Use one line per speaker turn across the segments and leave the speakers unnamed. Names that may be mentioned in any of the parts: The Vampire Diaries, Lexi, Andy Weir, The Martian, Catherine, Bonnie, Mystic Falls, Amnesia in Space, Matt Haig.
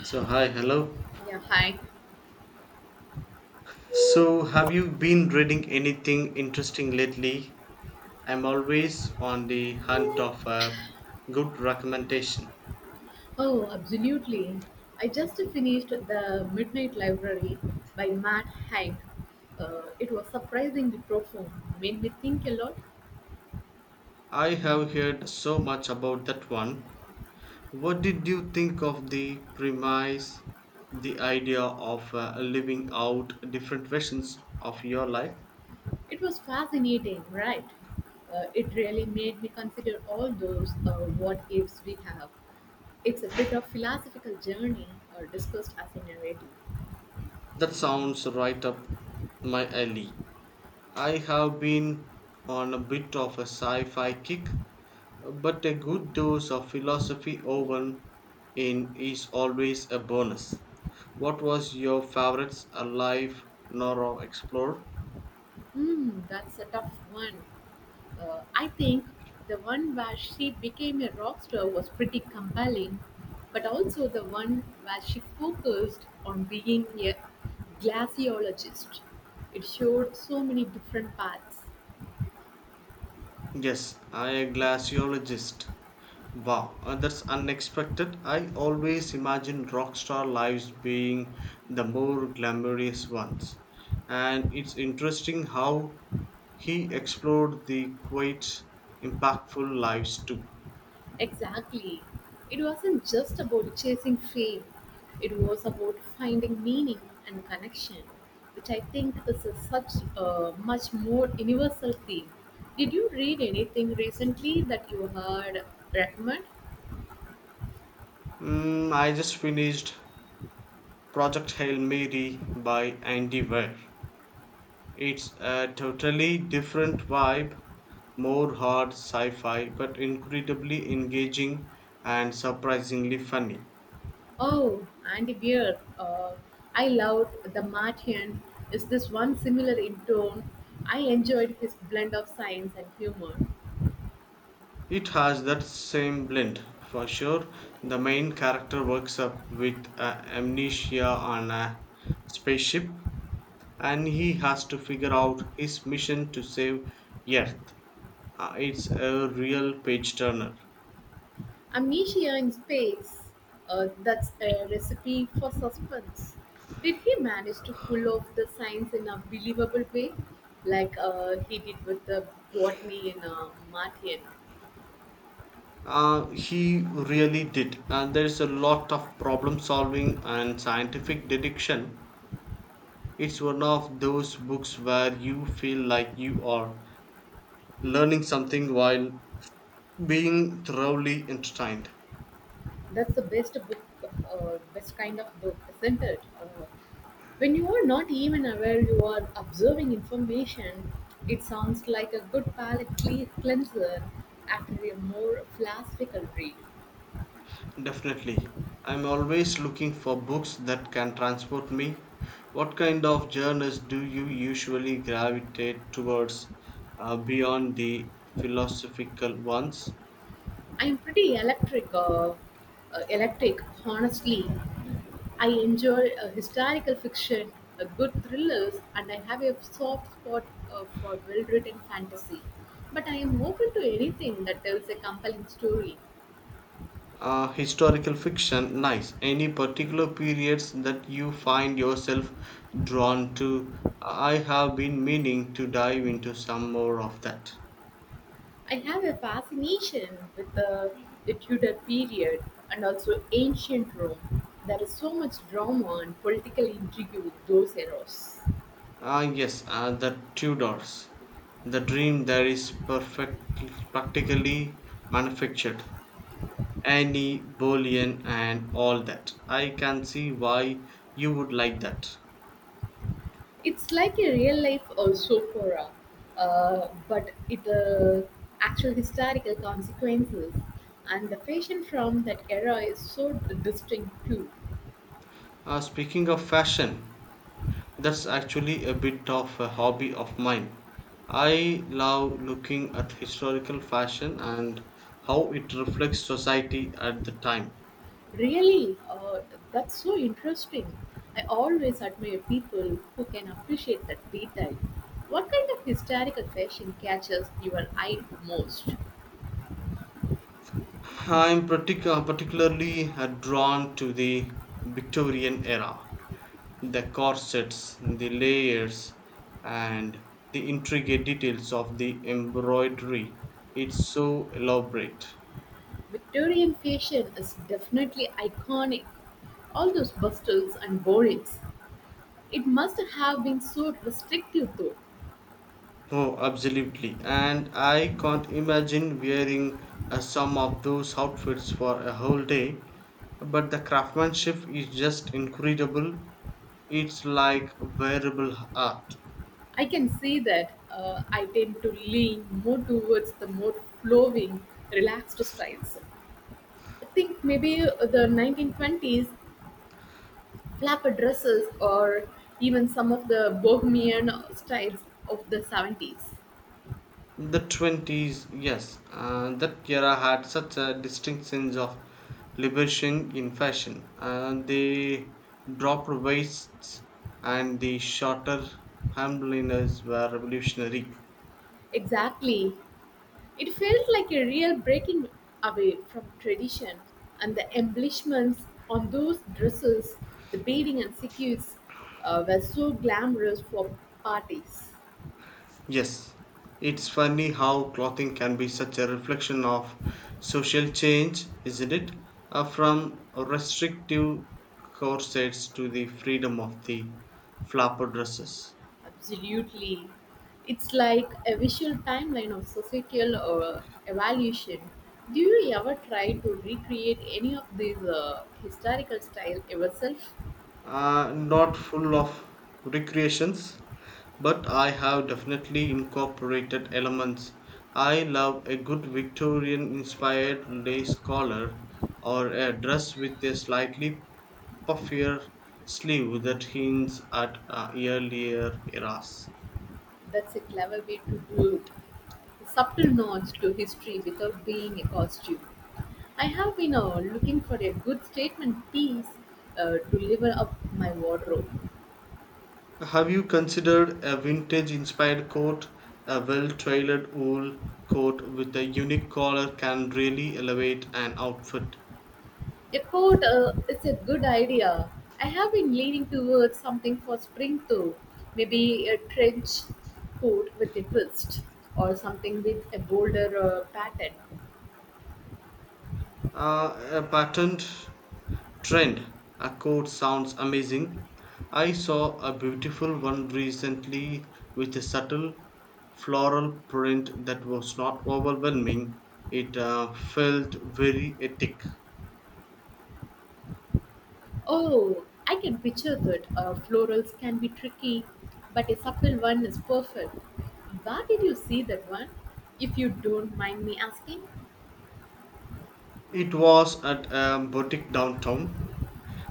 So, hi, hello.
Yeah, hi.
So, have you been reading anything interesting lately? I'm always on the hunt of a good recommendation.
Oh, absolutely. I just finished The Midnight Library by Matt Haig. It was surprisingly profound, made me think a lot.
I have heard so much about that one. What did you think of the premise, the idea of living out different versions of your life?
It was fascinating, right? It really made me consider all those what ifs we have. It's a bit of philosophical journey discussed as a narrative.
That sounds right up my alley. I have been on a bit of a sci fi kick. But a good dose of philosophy woven in is always a bonus. What was your favorite alive Nora explored?
Hmm, that's a tough one. I think the one where she became a rock star was pretty compelling, but also the one where she focused on being a glaciologist. It showed so many different paths.
Yes, I a glaciologist. Wow, that's unexpected. I always imagine rock star lives being the more glamorous ones. And it's interesting how he explored the quite impactful lives too.
Exactly. It wasn't just about chasing fame, it was about finding meaning and connection, which I think is a such a much more universal theme. Did you read anything recently that you heard recommend?
Mm, I just finished Project Hail Mary by Andy Weir. It's a totally different vibe, more hard sci fi, but incredibly engaging and surprisingly funny.
Oh, Andy Weir. I loved The Martian. Is this one similar in tone? I enjoyed his blend of science and humor.
It has that same blend for sure. The main character wakes up with amnesia on a spaceship and he has to figure out his mission to save Earth. It's a real page turner.
"Amnesia in Space." That's a recipe for suspense. Did he manage to pull off the science in a believable way, like he did with the botany in Martian?
He really did, and there's a lot of problem solving and scientific deduction. It's one of those books where you feel like you are learning something while being thoroughly entertained.
That's the best book, best kind of book, isn't it? When you are not even aware you are observing information, it sounds like a good cleanser after a more philosophical read.
Definitely. I'm always looking for books that can transport me. What kind of genres do you usually gravitate towards beyond the philosophical ones?
I'm pretty electric, electric. Honestly, I enjoy historical fiction, good thrillers, and I have a soft spot for well-written fantasy. But I am open to anything that tells a compelling story.
Historical fiction, nice. Any particular periods that you find yourself drawn to? I have been meaning to dive into some more of that.
I have a fascination with the Tudor period and also ancient Rome. There is so much drama and political intrigue with those eras.
Ah, yes, the Tudors. The dream that is perfect, practically manufactured. Annie Boleyn and all that. I can see why you would like that.
It's like a real life also for opera, but it actual historical consequences, and the fashion from that era is so distinct too.
Speaking of fashion, that's actually a bit of a hobby of mine. I love looking at historical fashion and how it reflects society at the time.
Really, that's so interesting. I always admire people who can appreciate that detail. What kind of historical fashion catches your eye most?
I'm particularly drawn to the Victorian era. The corsets, the layers, and the intricate details of the embroidery. It's so elaborate.
Victorian fashion is definitely iconic. All those bustles and borings. It must have been so restrictive, though.
Oh, absolutely. And I can't imagine wearing some of those outfits for a whole day. But the craftsmanship is just incredible. It's like wearable art.
I can see that. I tend to lean more towards the more flowing, relaxed styles. I think maybe the 1920s flap dresses or even some of the bohemian styles of the 70s.
The 20s, yes, that era had such a distinct sense of liberation in fashion. The drop waists and the shorter hemliners were revolutionary.
Exactly. It felt like a real breaking away from tradition, and the embellishments on those dresses, the beading and sequins, were so glamorous for parties.
Yes, it's funny how clothing can be such a reflection of social change, isn't it? From restrictive corsets to the freedom of the flapper dresses.
Absolutely. It's like a visual timeline of societal evolution. Do you ever try to recreate any of these historical style yourself?
Not full of recreations, but I have definitely incorporated elements. I love a good Victorian inspired lace collar or a dress with a slightly puffier sleeve that hints at earlier eras.
That's a clever way to do it. A subtle nods to history without being a costume. I have been looking for a good statement piece to level up my wardrobe.
Have you considered a vintage inspired coat? A well tailored wool coat with a unique collar can really elevate an outfit.
A coat is a good idea. I have been leaning towards something for spring though. Maybe a trench coat with a twist or something with a bolder pattern.
A patterned trend. A coat sounds amazing. I saw a beautiful one recently with a subtle floral print that was not overwhelming. It felt very ethic.
Oh, I can picture that. Florals can be tricky, but a subtle one is perfect. Where did you see that one? If you don't mind me asking,
It was at a boutique downtown.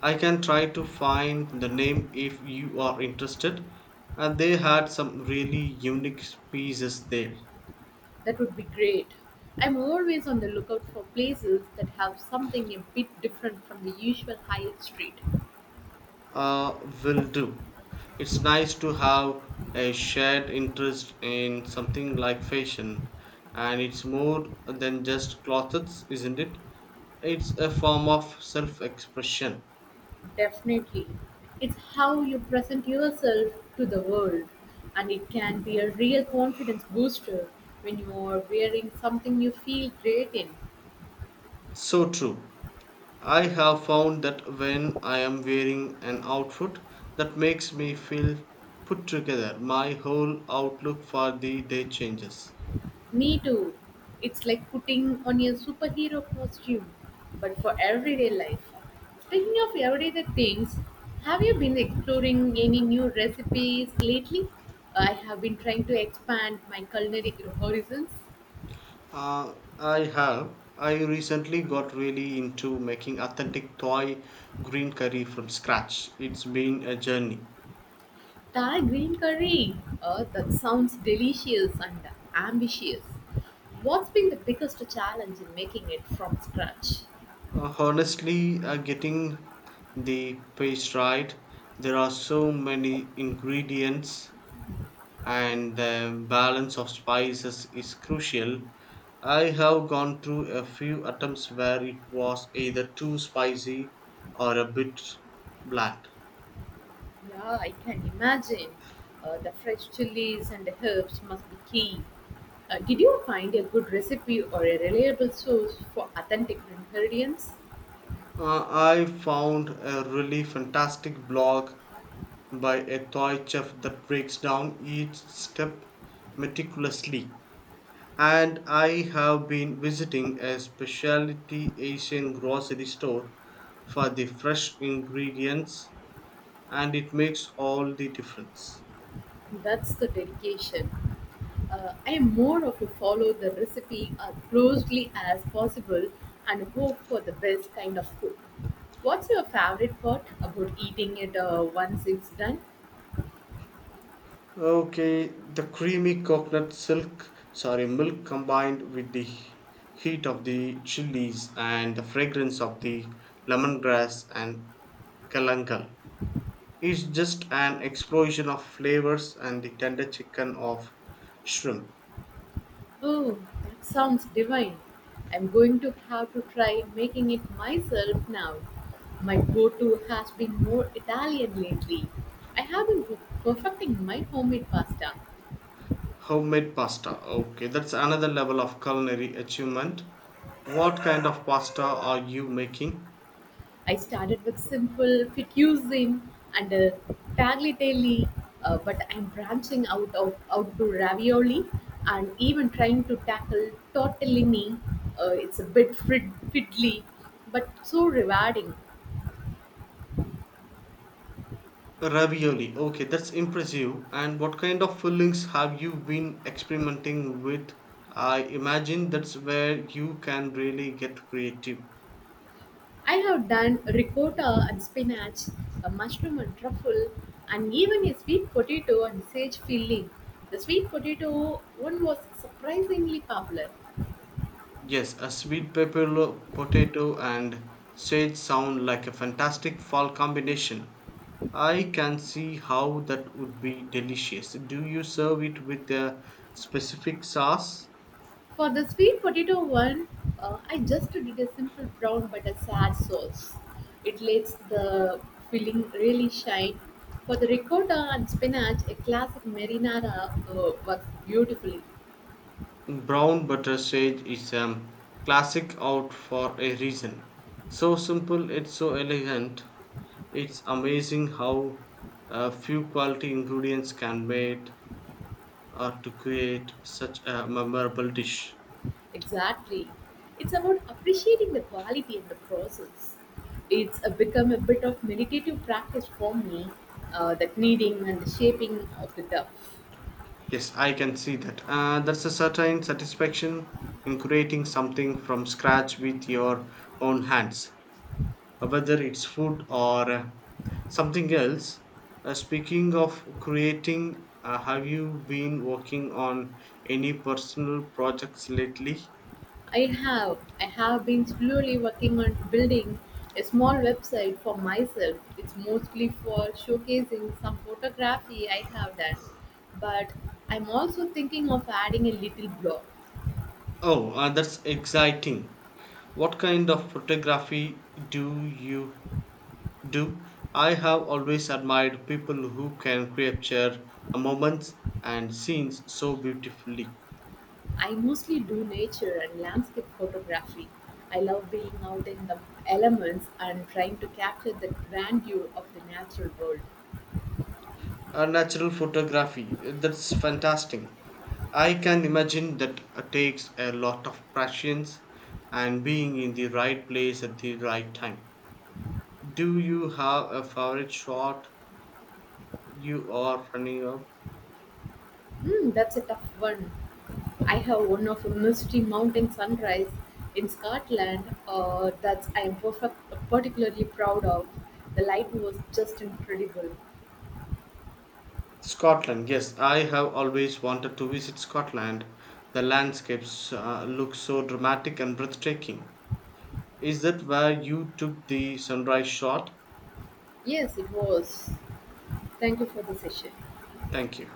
I can try to find the name if you are interested. And they had some really unique pieces there.
that would be great. I'm always on the lookout for places that have something a bit different from the usual high street.
Will do. It's nice to have a shared interest in something like fashion, and it's more than just clothes, isn't it? It's a form of self expression.
Definitely. It's how you present yourself to the world, and it can be a real confidence booster when you are wearing something you feel great in.
So true. I have found that when I am wearing an outfit that makes me feel put together, my whole outlook for the day changes.
Me too. It's like putting on your superhero costume, but for everyday life. Speaking of everyday things, have you been exploring any new recipes lately? I have been trying to expand my culinary horizons.
I have. I recently got really into making authentic Thai green curry from scratch. It's been a journey.
Thai green curry. Oh, that sounds delicious and ambitious. What's been the biggest challenge in making it from scratch?
Honestly, getting the paste right, there are so many ingredients, and the balance of spices is crucial. I have gone through a few attempts where it was either too spicy or a bit bland.
Yeah, I can imagine. The fresh chilies and herbs must be key. Did you find a good recipe or a reliable source for authentic ingredients?
I found a really fantastic blog by a toy chef that breaks down each step meticulously. And I have been visiting a specialty Asian grocery store for the fresh ingredients, and it makes all the difference.
That's the dedication. I am more of a follow the recipe as closely as possible and hope for the best kind of cook. What's your favorite part about eating it once it's done?
Okay, the creamy coconut silk, sorry, milk combined with the heat of the chilies and the fragrance of the lemongrass and kalangal is just an explosion of flavors and the tender chicken of shrimp.
Oh, that sounds divine. I'm going to have to try making it myself now. My go to has been more Italian lately. I have perfecting my homemade pasta.
Homemade pasta. Okay, that's another level of culinary achievement. What kind of pasta are you making?
I started with simple fettuccine and a tagliatelle, but I'm branching out to ravioli and even trying to tackle tortellini. It's a bit fiddly, but so rewarding.
Ravioli. Okay, that's impressive. And what kind of fillings have you been experimenting with? I imagine that's where you can really get creative.
I have done ricotta and spinach, a mushroom and truffle, and even a sweet potato and sage filling. The sweet potato one was surprisingly popular.
Yes, a sweet pepper lo- potato and sage sound like a fantastic fall combination. I can see how that would be delicious. Do you serve it with a specific sauce?
For the sweet potato one, I just did a simple brown butter a sad sauce. It lets the filling really shine. For the ricotta and spinach, a classic marinara works beautifully.
Brown butter sage is a classic out for a reason. So simple, it's so elegant. It's amazing how a few quality ingredients can made or to create such a memorable dish.
Exactly. It's about appreciating the quality and the process. It's become a bit of meditative practice for me, that kneading and the shaping of the dough.
Yes, I can see that. That's a certain satisfaction in creating something from scratch with your own hands, whether it's food or something else. Speaking of creating, have you been working on any personal projects lately?
I have been slowly working on building a small website for myself. It's mostly for showcasing some photography I have done, but I'm also thinking of adding a little blog.
Oh, that's exciting. What kind of photography do you do? I have always admired people who can capture moments and scenes so beautifully.
I mostly do nature and landscape photography. I love being out in the elements and trying to capture the grandeur of the natural world.
Natural photography, that's fantastic. I can imagine that takes a lot of patience and being in the right place at the right time. Do you have a favorite shot you are running up?
Hmm, that's a tough one. I have one of a misty mountain sunrise in Scotland that I am particularly proud of. The light was just incredible.
Scotland, yes, I have always wanted to visit Scotland. The landscapes look so dramatic and breathtaking. Is that where you took the sunrise shot?
Yes, it was. Thank you for the session.
Thank you.